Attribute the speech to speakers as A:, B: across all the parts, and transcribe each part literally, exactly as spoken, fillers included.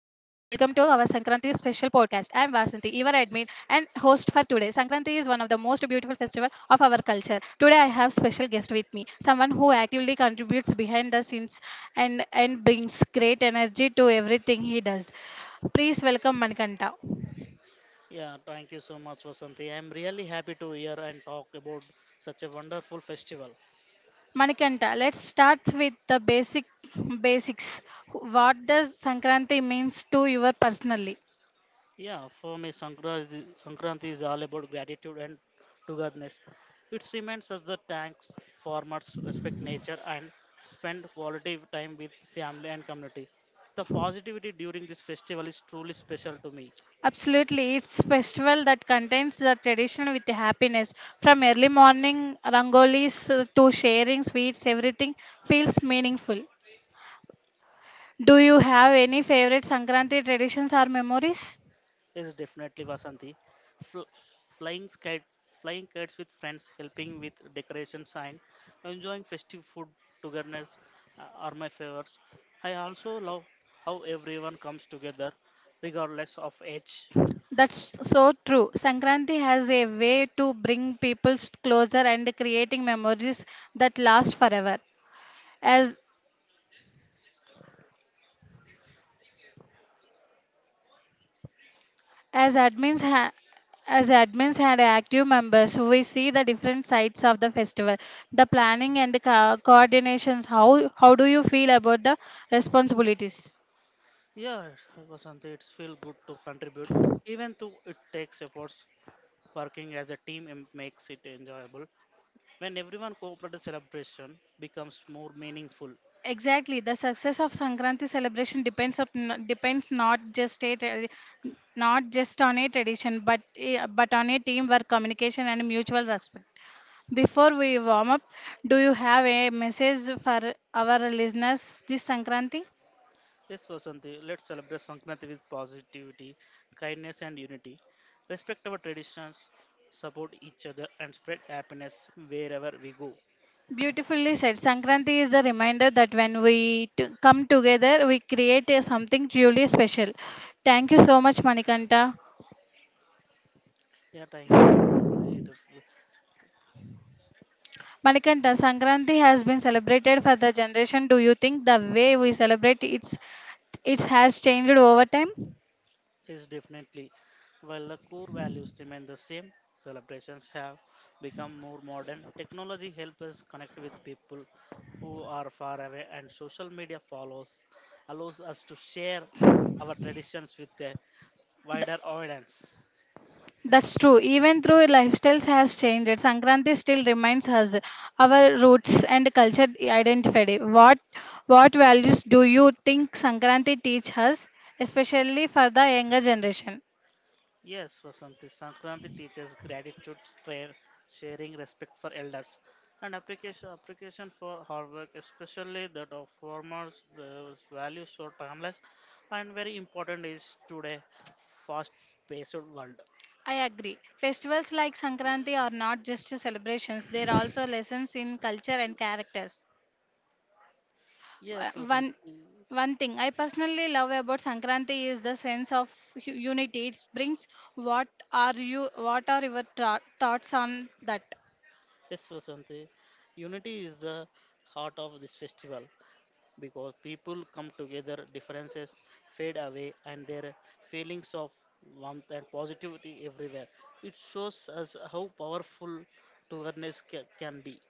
A: your admin and host for today. Sankranti is one of the most beautiful festival of our culture. Today I have special guest with me, someone who actively contributes behind the scenes and and brings great energy to everything he does. Please welcome Manikanta.
B: Yeah, thank you so much, Vasanti. I'm really happy to hear and talk about such a wonderful festival.
A: Manikanta, let's start with the basic basics. What does Sankranti means to you personally?
B: Yeah, for me, Sankranti, Sankranti is all about gratitude and togetherness. It reminds us that thanks, farmers respect nature and spend quality time with family and community. The positivity during this festival is truly special to me.
A: Absolutely, it's festival that contains the tradition with the happiness. From early morning rangolis uh, to sharing sweets, everything feels meaningful. Do you have any favorite Sankranti traditions or memories?
B: Yes, definitely, Vasanti. Fl- flying kite, flying kites with friends, helping with decorations and enjoying festive food togetherness uh, are my favorites. I also love how everyone comes together, regardless of age.
A: That's so true. Sankranti has a way to bring people closer and creating memories that last forever. As As admins ha- as admins and active members, we see the different sides of the festival, the planning and the co- coordinations. How how do you feel about the responsibilities?
B: Yeah, Vasanti, it's feel good to contribute, even though it takes efforts. Working as a team em- makes it enjoyable. When everyone cooperates, celebration becomes more meaningful.
A: Exactly, the success of Sankranti celebration depends of depends not just a tra- not just on a tradition, but eh, but on a teamwork, communication, and mutual respect. Before we warm up, do you have a message for our listeners this Sankranti?
B: Yes, Vasanti, let's celebrate Sankranti with positivity, kindness, and unity. Respect our traditions, support each other, and spread happiness wherever we go.
A: Beautifully said. Sankranti is a reminder that when we t- come together, we create a something truly special. Thank you so much, Manikanta.
B: Yeah, thank you, Vasanti. It
A: Manikanta, Sankranti has been celebrated for the generation. Do you think the way we celebrate it's it has changed over time?
B: is definitely. While the core values remain the same, celebrations have become more modern. Technology helps us connect with people who are far away, and social media follows allows us to share our traditions with a wider audience.
A: That's true. Even through lifestyles has changed, Sankranti still reminds us our roots and culture identity. What what values do you think Sankranti teach us, especially for the younger generation?
B: Yes, Vasanti, Sankranti teaches gratitude, tra- sharing, respect for elders, and application appreciation for hard work, especially that of farmers. Those values are timeless and very important is today fast-paced world.
A: I agree. Festivals like Sankranti are not just celebrations, they are also lessons in culture and characters. Wha-
B: Yes,
A: One,
B: Vasanti.
A: one thing I personally love about Sankranti is the sense of hu- unity it brings. What are you? What are your tho- thoughts on that?
B: Yes, Vasanti. Unity is the heart of this festival. Because people come together, differences fade away, and there are feelings of warmth and positivity everywhere. It shows us how powerful togetherness ca- can be.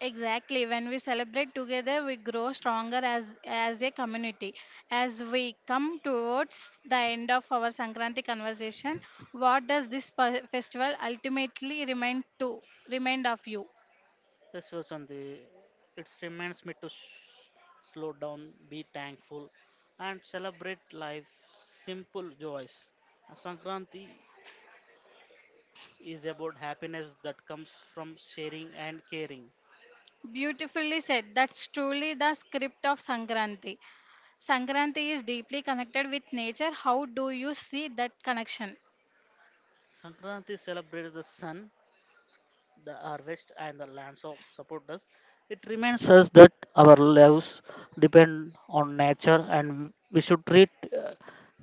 A: Exactly. When we celebrate together, we grow stronger as as a community. As we come towards the end of our Sankranti conversation, what does this pe- festival ultimately remind to remind of you?
B: This was on the. It reminds me to s slow down, be thankful, and celebrate life's simple joys. Sankranti is about happiness that comes from sharing and caring.
A: Beautifully said. That's truly the script of Sankranti. Sankranti is deeply connected with nature. How do you see that connection?
B: Sankranti celebrates the sun the harvest and the lands of support us, it reminds us that our lives depend on nature and we should treat uh,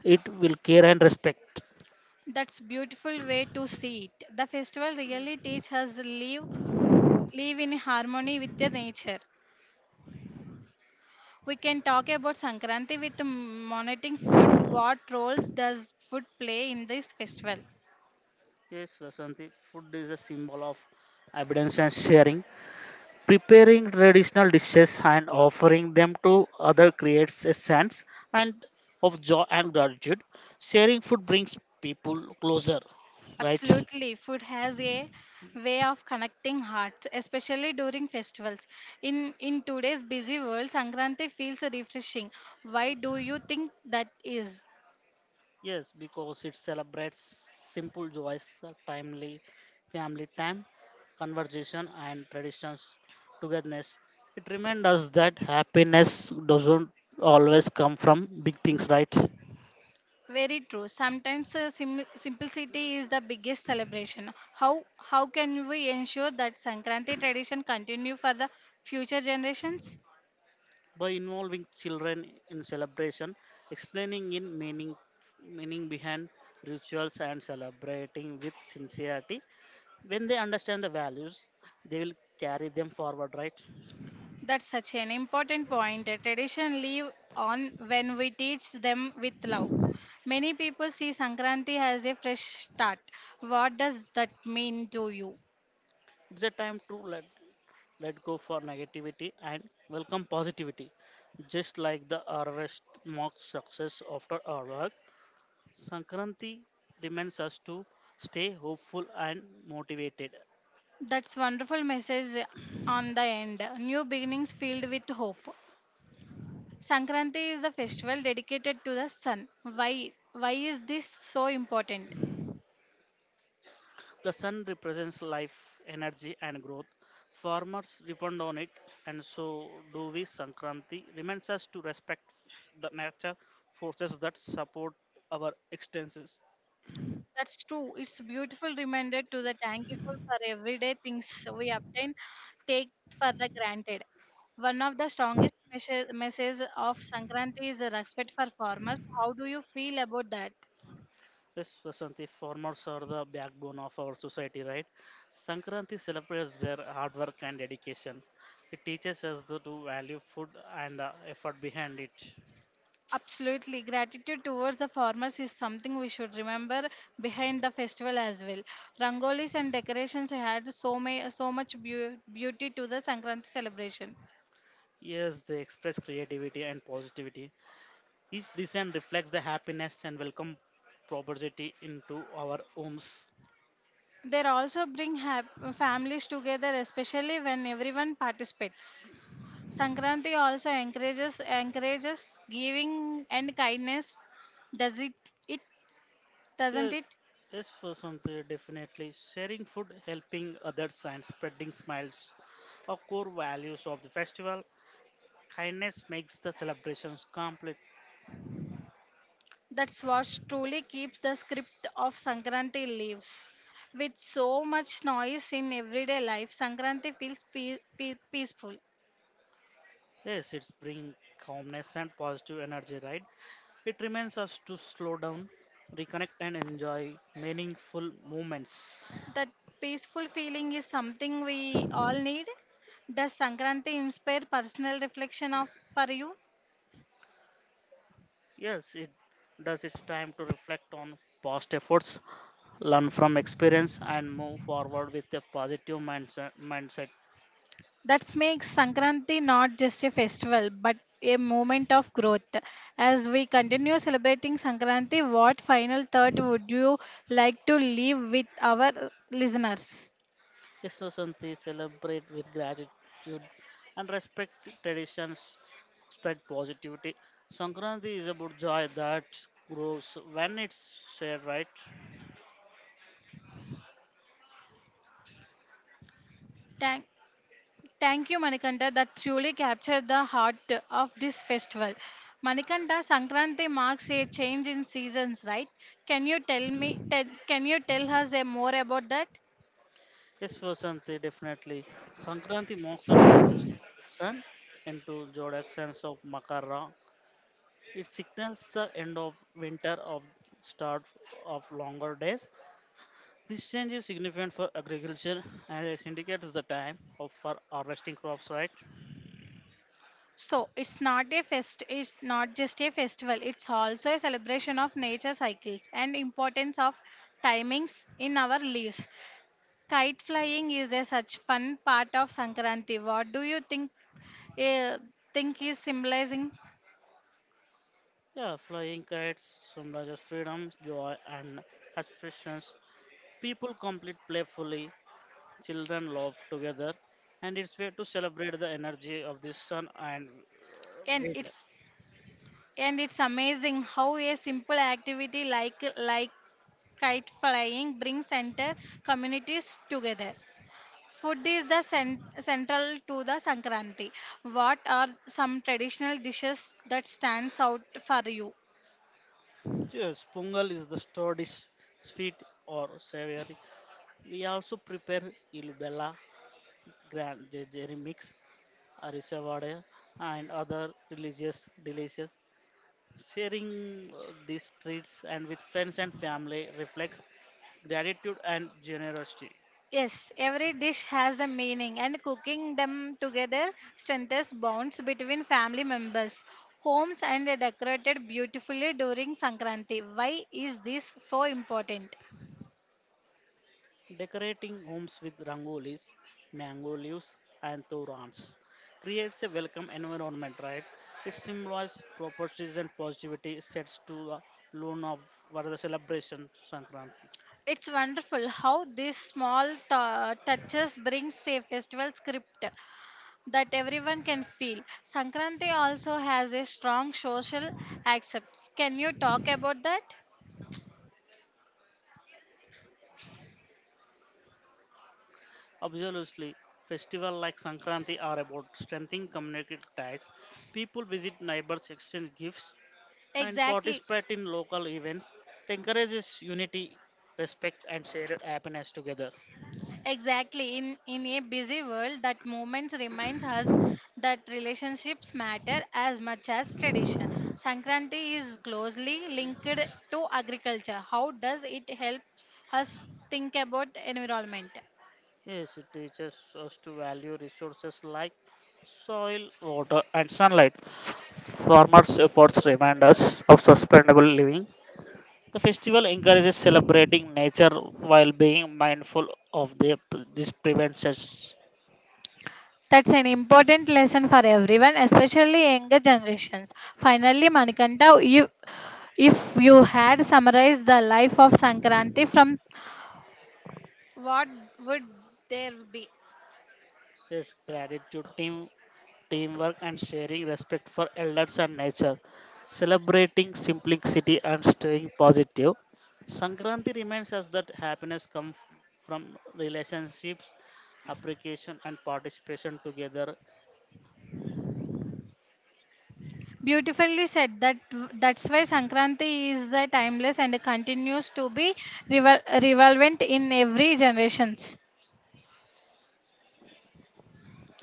B: it with care and respect.
A: That's beautiful way to see it. The festival really teaches us live live in harmony with the nature. We can talk about Sankranti with monitoring food. What roles does food play in this festival?
B: Yes, Vasanti, food is a symbol of abundance and sharing. Preparing traditional dishes and offering them to other creates a sense and of joy and gratitude. Sharing food brings people closer, right?
A: Absolutely, food has a way of connecting hearts, especially during festivals. In in today's busy world, Sankranti feels refreshing. Why do you think that is?
B: Yes, because it celebrates simple joys, uh, timely family time, conversation, and traditions togetherness. It reminds us that happiness doesn't always come from big things, right?
A: Very true. Sometimes uh, sim- simplicity is the biggest celebration. How how can we ensure that Sankranti tradition continue for the future generations?
B: By involving children in celebration, explaining in meaning meaning behind rituals and celebrating with sincerity, when they understand the values, they will carry them forward, right?
A: That's such an important point. A tradition live on when we teach them with love. Many people see Sankranti as a fresh start. What does that mean to you?
B: It's a time to let let go for negativity and welcome positivity, just like the harvest marks success after our work. Sankranti demands us to stay hopeful and motivated.
A: That's wonderful message on the end. New beginnings filled with hope. Sankranti is a festival dedicated to the sun. Why why is this so important?
B: The sun represents life, energy, and growth. Farmers depend on it, and so do we. Sankranti reminds us to respect the nature forces that support our extensions.
A: That's true. It's beautiful reminder to the thankful for everyday things we obtain, take for the granted. One of the strongest message, messages of Sankranti is the respect for farmers. How do you feel about that?
B: Yes, Vasanti, farmers are the backbone of our society, right? Sankranti celebrates their hard work and dedication. It teaches us to to value food and the effort behind it.
A: Absolutely. Gratitude towards the farmers is something we should remember behind the festival as well. Rangolis and decorations had so, may, so much beau- beauty to the Sankranti celebration.
B: Yes, they express creativity and positivity. Each design reflects the happiness and welcome prosperity into our homes.
A: They also bring hap- families together, especially when everyone participates. Sankranti also encourages encourages giving and kindness. Does it? It
B: Yeah,
A: doesn't it?
B: Yes, Vasanti, definitely. Sharing food, helping others, and spreading smiles are core values of the festival. Kindness makes the celebrations complete.
A: That's what truly keeps the script of Sankranti lives. With so much noise in everyday life, Sankranti feels pe- pe- peaceful.
B: Yes, it's bring calmness and positive energy, right? It reminds us to slow down, reconnect, and enjoy meaningful moments.
A: That peaceful feeling is something we all need. Does Sankranti inspire personal reflection of for you?
B: Yes, it does its time to reflect on past efforts, learn from experience, and move forward with a positive mindset. mindset.
A: That makes Sankranti not just a festival but a moment of growth. As we continue celebrating Sankranti, what final thought would you like to leave with our listeners?
B: Vasanthi celebrate with gratitude and respect traditions, spread positivity. Sankranti is about joy that grows when it's shared, right?
A: Thank, thank you, Manikanta, that truly captured the heart of this festival. Manikanta, Sankranti marks a change in seasons, right? Can you tell me? Tell, can you tell us a more about that?
B: Yes, Vasanthi, definitely. Sankranti marks the transition of the sun into zodiac signs of Makara. It signals the end of winter of start of longer days. This change is significant for agriculture and it indicates the time of for harvesting crops, right?
A: So it's not a fest. It's not just a festival. It's also a celebration of nature cycles and importance of timings in our lives. Kite flying is a such fun part of Sankranti. What do you think? Uh, think is symbolizing,
B: Yeah, flying kites symbolizes freedom, joy, and aspirations. People complete playfully, children laugh together, and it's way to celebrate the energy of the sun and uh,
A: and
B: wind.
A: it's and it's amazing how a simple activity like like kite flying brings entire communities together. Food is the cen- central to the Sankranti. What are some traditional dishes that stands out for you?
B: Yes, Pungal is the sturdish, sweet, or savory. We also prepare ilubella, grand jejeri mix, arisavade, and other religious delicious sharing uh, these treats and with friends and family reflects gratitude and generosity.
A: Yes, every dish has a meaning, and cooking them together strengthens bonds between family members. Homes and are decorated beautifully during Sankranti. Why is this so important?
B: Decorating homes with rangolis, mango leaves, and torans creates a welcome environment, right? It symbolizes properties and positivity sets to the loan of what are the celebration Sankranti.
A: It's wonderful how these small t- touches bring a festival script that everyone can feel. Sankranti also has a strong social acceptance. Can you talk about that?
B: Absolutely, festival like Sankranti are about strengthening community ties. People visit neighbors, exchange gifts, and
A: Exactly,
B: participate in local events. It encourages unity, respect, and shared happiness together.
A: exactly. In in a busy world, that moments reminds us that relationships matter as much as tradition. Sankranti is closely linked to agriculture. How does it help us think about environment?
B: Yes, it teaches us to value resources like soil, water, and sunlight. Farmers' efforts remind us of sustainable living. The festival encourages celebrating nature while being mindful of the, this prevents us.
A: That's an important lesson for everyone, especially younger generations. Finally, Manikanta, you, if you had summarized the life of Sankranti from what would there be?
B: Yes, gratitude, team teamwork and sharing respect for elders and nature, celebrating simplicity and staying positive. Sankranti reminds us that happiness comes from relationships, appreciation, and participation together.
A: Beautifully said. That that's why Sankranti is the timeless and continues to be revel- relevant in every generations.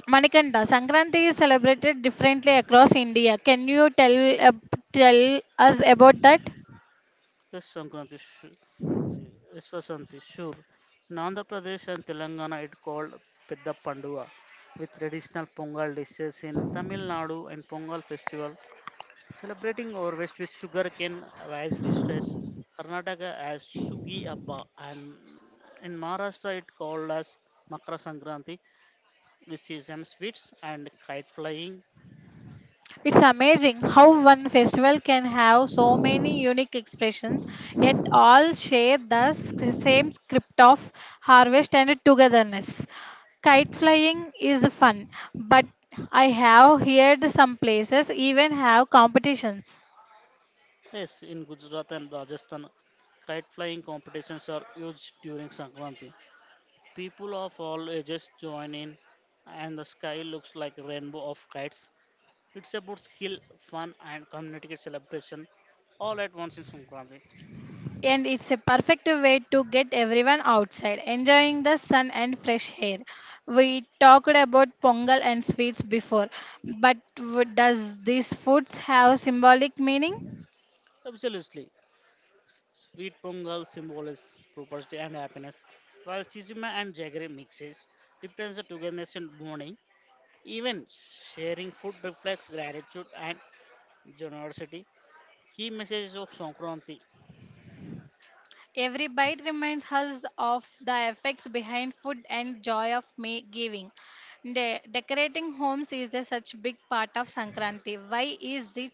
A: Manikanda, Sankranti is celebrated differently across India. Can you tell uh, tell us about that?
B: Yes, Sankranti, su- uh, yes, Vasanti, sure. In Andhra Pradesh and Telangana, it called Pedda Panduva, with traditional Pongal dishes in Tamil Nadu and Pongal festival celebrating our West with sugarcane as distress, Karnataka as Sugi Abba, and in Maharashtra it called as Makara Sankranti with sesame sweets and kite flying.
A: It's amazing how one festival can have so many unique expressions, yet all share the s- same script of harvest and togetherness. Kite flying is fun, but I have heard some places even have competitions.
B: Yes, in Gujarat and Rajasthan, kite flying competitions are huge during Sankranti. People of all ages join in, and the sky looks like a rainbow of kites. It's about skill, fun, and community celebration all at once in Sankranti.
A: And it's a perfect way to get everyone outside, enjoying the sun and fresh air. We talked about pongal and sweets before, but w- does these foods have symbolic meaning?
B: Absolutely. Sweet Pongal symbolizes prosperity and happiness, while Chizima and Jaggery mixes represents the togetherness and bonding. Even sharing food reflects gratitude and generosity. Key messages of Sankranti
A: Every bite reminds us of the effects behind food and joy of may giving. De- decorating homes is a such big part of Sankranti. Why is this?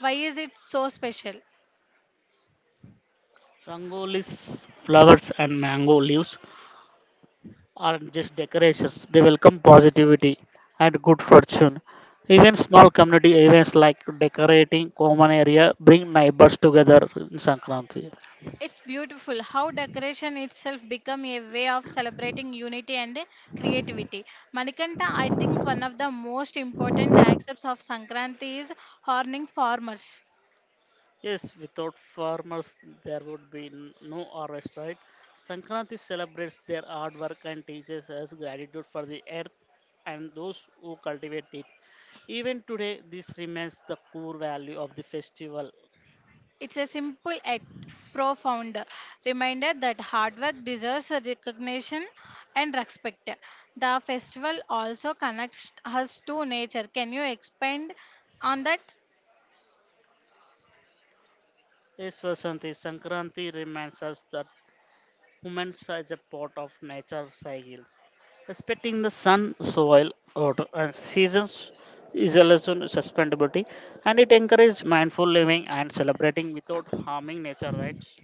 A: Why is it so special?
B: Rangolis, flowers, and mango leaves aren't just decorations, they welcome positivity and good fortune. Even small community events like decorating common area bring neighbors together in Sankranti.
A: It's beautiful how decoration itself become a way of celebrating unity and creativity. Manikanta, I think one of the most important aspects of Sankranti is honoring farmers.
B: Yes, without farmers, there would be n- no harvest, right? Sankranti celebrates their hard work and teaches us gratitude for the earth and those who cultivate it. Even today, this remains the core value of the festival.
A: It's a simple yet profound reminder that hard work deserves recognition and respect. The festival also connects us to nature. Can you expand on that?
B: Yes, Vasanti, Sankranti reminds us that humans as a part of nature cycles. Respecting the sun, soil, water, and seasons is a lesson in sustainability and it encourages mindful living and celebrating without harming nature rights.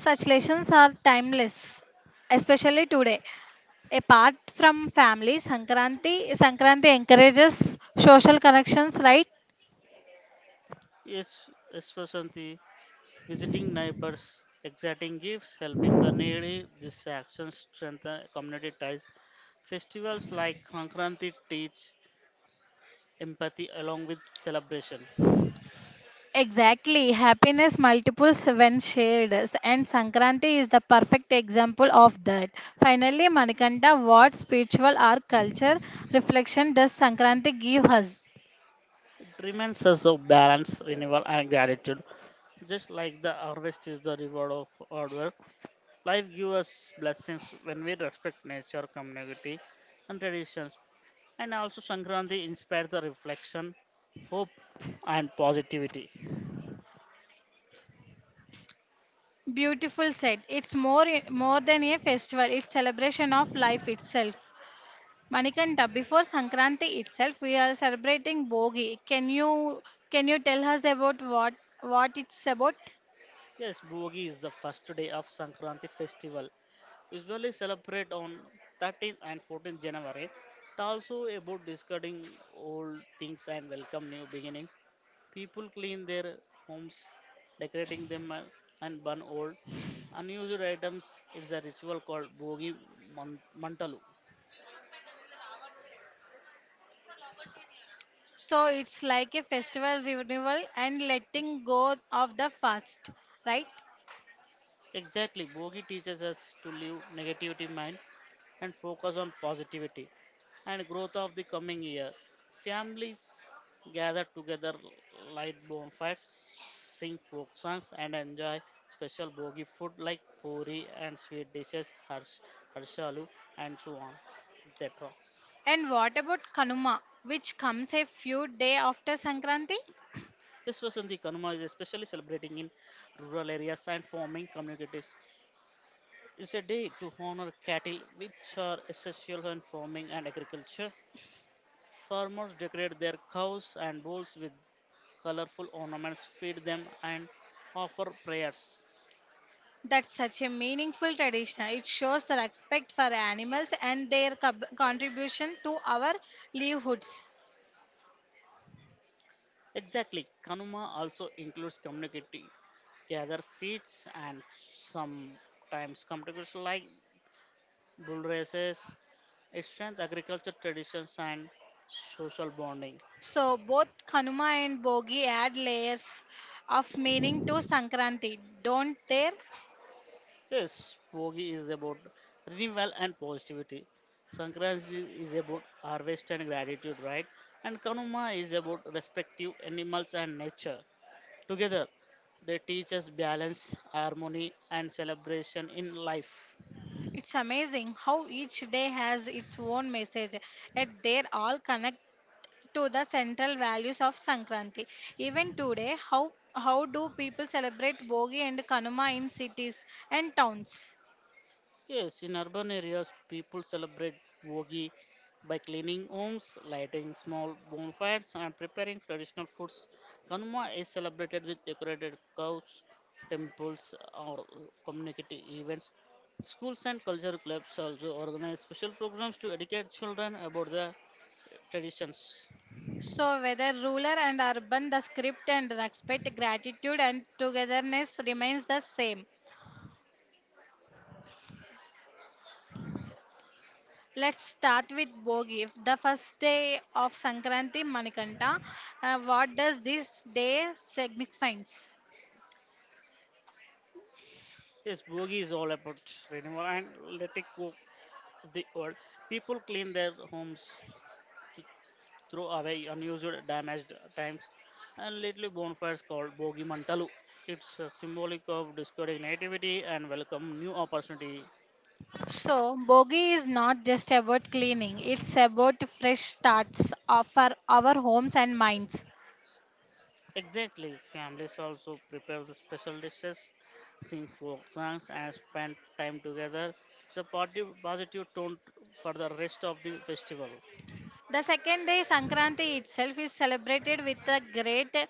A: Such lessons are timeless, especially today. Apart from family, Sankranti, Sankranti encourages social connections, right?
B: Yes, yes, Vasanti. Visiting neighbors, exciting gifts, helping the needy, these actions strengthen community ties. Festivals like Sankranti teach empathy along with celebration.
A: Exactly. Happiness multiples when shared, s- and Sankranti is the perfect example of that. Finally, Manikanta, what spiritual or culture reflection does Sankranti give us?
B: It reminds us of balance, renewal, and gratitude. Just like the harvest is the reward of hard work, life gives us blessings when we respect nature, community, and traditions. And also, Sankranti inspires the reflection, hope, and positivity.
A: Beautiful said. It's more more than a festival. It's celebration of life itself. Manikanta, before Sankranti itself, we are celebrating Bogi. Can you can you tell us about what what it's about?
B: Yes, Bogi is the first day of Sankranti festival. Usually celebrate on thirteenth and fourteenth January. It also about discarding old things and welcome new beginnings. People clean their homes, decorating them and and burn old unused items. It's a ritual called Bogi Man- Mantalu.
A: So it's like a festival renewal and letting go of the past, right?
B: Exactly. Bogi teaches us to leave negativity mind and focus on positivity and growth of the coming year. Families gather together, light bonfires, sing folk songs, and enjoy special bogi food like puri and sweet dishes, harsh, harshalu, and so on, et cetera.
A: And what about Kanuma, which comes a few day after Sankranti?
B: This was in the Kanuma is especially celebrating in rural areas and forming communities it's a day to honor cattle, which are essential in farming and agriculture. Farmers decorate their cows and bulls with colorful ornaments, feed them, and offer prayers.
A: That's such a meaningful tradition. It shows the respect for animals and their cub- contribution to our livelihoods.
B: Exactly, Kanuma also includes community gather feasts, and sometimes competitions like bull races. It strengthens agriculture traditions and social bonding.
A: So both Kanuma and Bogi add layers of meaning to Sankranti, don't they?
B: Yes, Bogi is about renewal and positivity. Sankranti is about harvest and gratitude, right? And Kanuma is about respective animals and nature. Together, they teach us balance, harmony, and celebration in life.
A: It's amazing how each day has its own message, yet they're all connected to the central values of Sankranti. Even today, how how do people celebrate Bogi and Kanuma in cities and towns?
B: Yes, in urban areas, people celebrate Vogi by cleaning homes, lighting small bonfires, and preparing traditional foods. Kanuma is celebrated with decorated cows, temples, or community events. Schools and culture clubs also organize special programs to educate children about the traditions.
A: So whether rural and urban, the script and respect, gratitude and togetherness remains the same. Let's start with Bogi, the first day of Sankranti Manikanta. Uh, what does this day signifies?
B: Yes, Bogi is all about renewal and letting go of the old. People clean their homes, throw away unused, damaged times, and little bonfires called Bogi Mantalu. It's a symbolic of discarding nativity and welcome new opportunity.
A: So, Bogi is not just about cleaning, it's about fresh starts of- for our homes and minds.
B: Exactly, families also prepare the special dishes, sing folk songs, and spend time together. It's a positive, positive tone for the rest of the festival.
A: The second day, Sankranti itself, is celebrated with a great,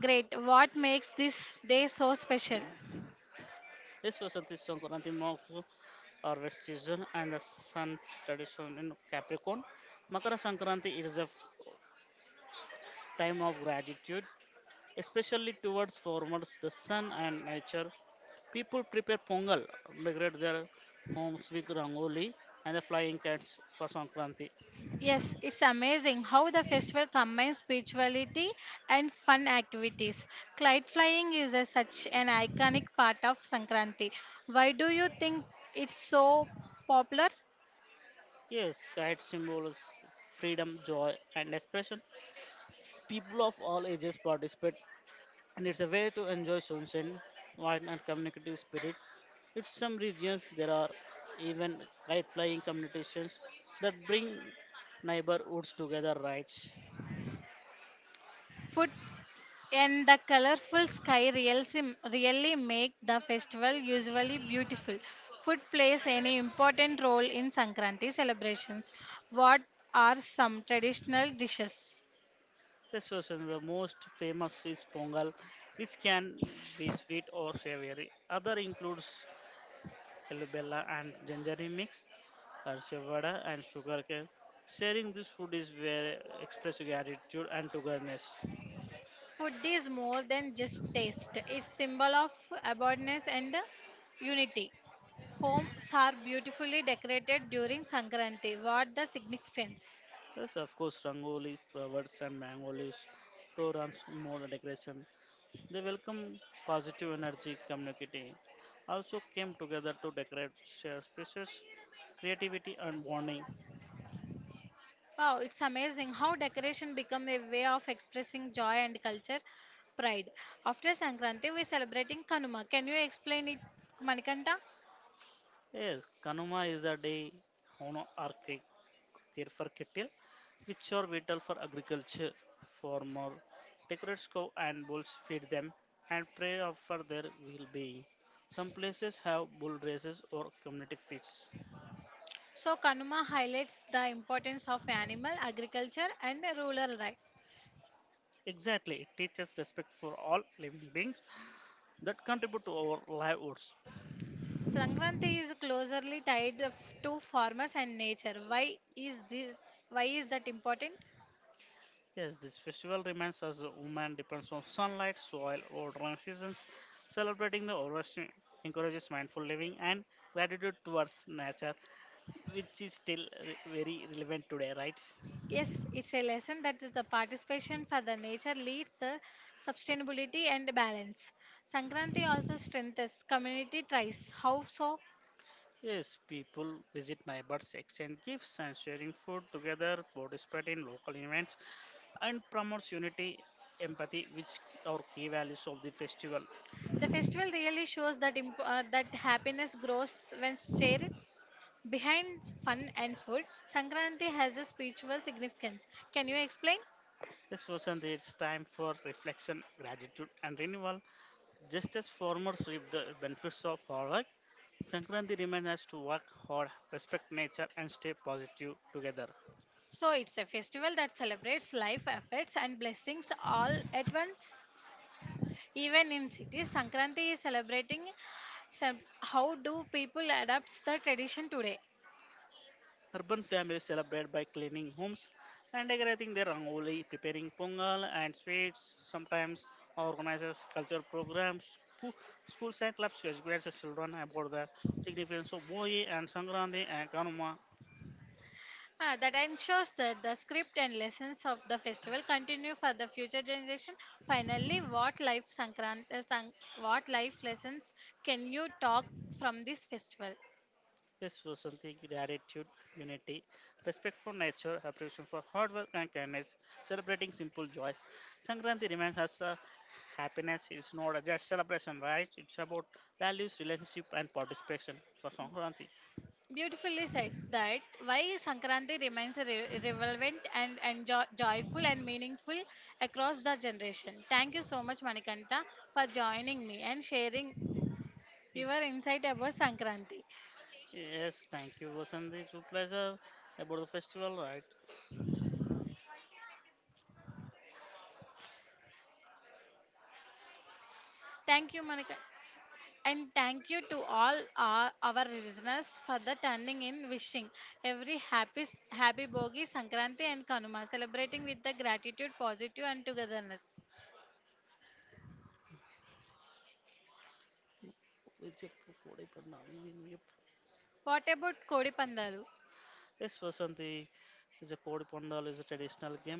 A: great. What makes this day so special?
B: This Vasanti Sankranti marks our rest season and the sun's tradition in Capricorn. Makara Sankranti is a f- time of gratitude especially towards farmers, the sun, and nature. People prepare pongal, decorate their homes with rangoli and the flying kites for Sankranti.
A: Yes, it's amazing how the festival combines spirituality and fun activities. Kite flying is a, such an iconic part of Sankranti. Why do you think it's so popular?
B: Yes, kite symbols freedom, joy, and expression. People of all ages participate, and it's a way to enjoy sunshine, wine, and communicative spirit. In some regions, there are even kite flying competitions that bring neighborhoods together, right?
A: Food and the colorful sky really, really make the festival usually beautiful. Food plays any important role in Sankranti celebrations. What are some traditional dishes?
B: Yes, so so the most famous is pongal, which can be sweet or savory. Other includes alubella and gingery mix, harshavada and sugarcane. Sharing this food is where express gratitude and togetherness.
A: Food is more than just taste. It's symbol of abundance and unity. Homes are beautifully decorated during Sankranti. What the significance?
B: Yes, of course, rangoli, flowers and mango leaves, torans, more decoration. They welcome positive energy community. Also came together to decorate share spaces, creativity and bonding.
A: Wow, it's amazing how decoration become a way of expressing joy and culture pride. After Sankranti, we're celebrating Kanuma. Can you explain it, Manikanta?
B: Yes, Kanuma is a day hono or ca- care for cattle, which are vital for agriculture. Farmer decorates cow and bulls, feed them, and pray of for their well-being. Some places have bull races or community feasts.
A: So, Kanuma highlights the importance of animal, agriculture, and rural life.
B: Exactly, it teaches respect for all living beings that contribute to our livelihoods.
A: Sankranti is closely tied to farmers and nature. Why is this? Why is that important?
B: Yes, this festival reminds us that woman depends on sunlight, soil, water, and seasons. Celebrating the harvest encourages mindful living and gratitude towards nature, which is still re- very relevant today, right?
A: Yes, it's a lesson that is the participation for the nature leads the sustainability and balance. Sankranti also strengthens community ties. How so?
B: Yes, people visit neighbors, exchange gifts, and sharing food together, participate in local events, and promotes unity, empathy, which are key values of the festival.
A: The festival really shows that imp- uh, that happiness grows when shared behind fun and food. Sankranti has a spiritual significance. Can you explain?
B: This wasn't it's time for reflection, gratitude, and renewal. Just as farmers reap the benefits of hard work, Sankranti reminds us to work hard, respect nature, and stay positive together.
A: So it's a festival that celebrates life, efforts, and blessings all at once. Even in cities, Sankranti is celebrating. Some, how do people adapt the tradition today?
B: Urban families celebrate by cleaning homes and decorating their rangoli, preparing pongal and sweets, sometimes organizes cultural programs. School, schools and clubs to educate the children about the significance of Boyi and Sankranti and Karma.
A: Ah, that ensures that the script and lessons of the festival continue for the future generation. Finally, what life Sankrant, uh, Sank- what life lessons can you talk from this festival?
B: Yes, so something like gratitude, unity, respect for nature, appreciation for hard work and kindness, celebrating simple joys. Sankranti reminds us uh, happiness is not just celebration, right? It's about values, relationship, and participation for Sankranti.
A: Beautifully said that why Sankranti remains re- relevant and, and jo- joyful and meaningful across the generation. Thank you so much, Manikanta, for joining me and sharing your insight about Sankranti.
B: Yes, thank you, Vasanti. It's a pleasure about the festival, right?
A: Thank you, Monica. And thank you to all our, our listeners for the turning in wishing every happy happy Bogi, Sankranti and Kanuma, celebrating with the gratitude, positive and togetherness.
B: It's a Kodi Pandal.
A: What about Kodi Pandalu?
B: Yes, Vasanti, is a Kodi Pandal is a traditional game.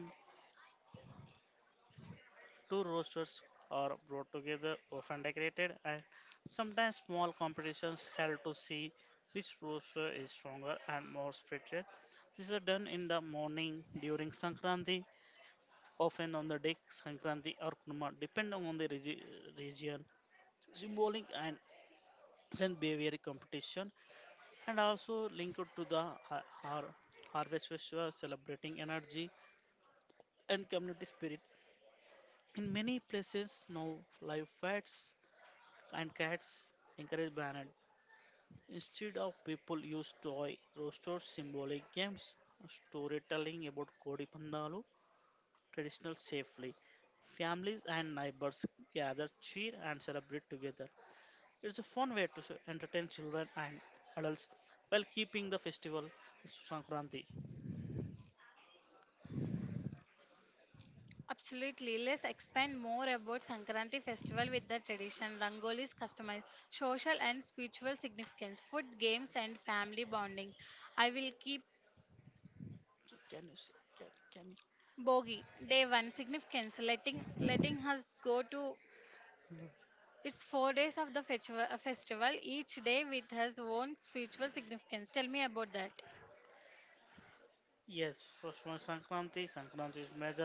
B: Two roasters are brought together, often decorated, and sometimes small competitions held to see which roaster is stronger and more spirited. These are done in the morning during Sankranti, often on the day Sankranti or Kunuma, depending on the regi- region. Symbolic and strength behavior competition, and also linked to the har- har- harvest festival celebrating energy and community spirit. In many places, now live fats and cats encourage balance. Instead of people use toy roasters, symbolic games, storytelling about Kodi Pandalu, traditional safely. Families and neighbors gather, cheer and celebrate together. It's a fun way to s- entertain children and adults while keeping the festival Sankranti.
A: Absolutely. Let's expand more about Sankranti festival with the tradition, rangolis, customized, social and spiritual significance, food, games and family bonding. I will keep
B: So can you say? Can, can you?
A: Bogi, day one, significance, letting letting us go to it's four days of the festival, festival, each day with has own spiritual significance. Tell me about that.
B: Yes, first one Sankranti. Sankranti is major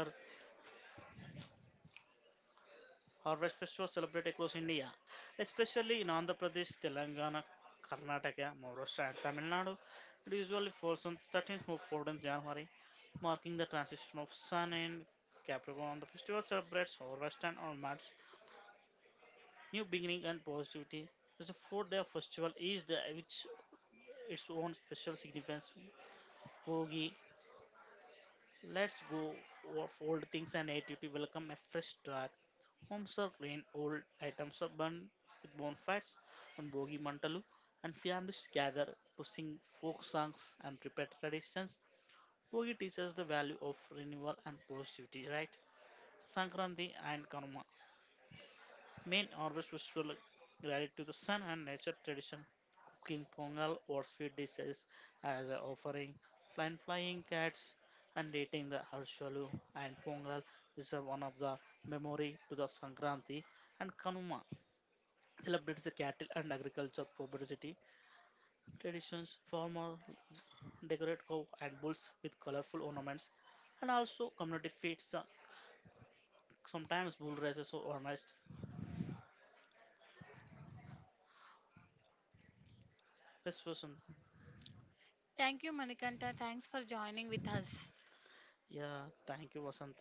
B: harvest festivals celebrated across India, especially in Andhra Pradesh, Telangana, Karnataka, Maharashtra, and Tamil Nadu. It usually falls on thirteenth or fourteenth of January, marking the transition of Sun and Capricorn. The festival celebrates harvest and onwards, new beginning, and positivity. It's a four-day festival, each day with its own special significance. Bogi, let's go of old things and attitude to welcome a fresh start. Homes are clean, old items are burned with bonfires on Bogi Mantalu, and families gather to sing folk songs and prepare traditions. Bogi teaches the value of renewal and positivity, right? Sankranti and Karma, main harvest festival related to the sun and nature tradition, cooking pongal or sweet dishes as an offering, flying flying cats, and eating the harshalu and pongal is a one of the memory to the Sankranti and Kanuma celebrates the cattle and agriculture productivity traditions. Farmer decorate cow and bulls with colorful ornaments, and also community feasts. uh, Sometimes bull races or organized festivals.
A: Thank you, Manikanta. Thanks for joining with us.
B: Yeah, thank you, Vasanti.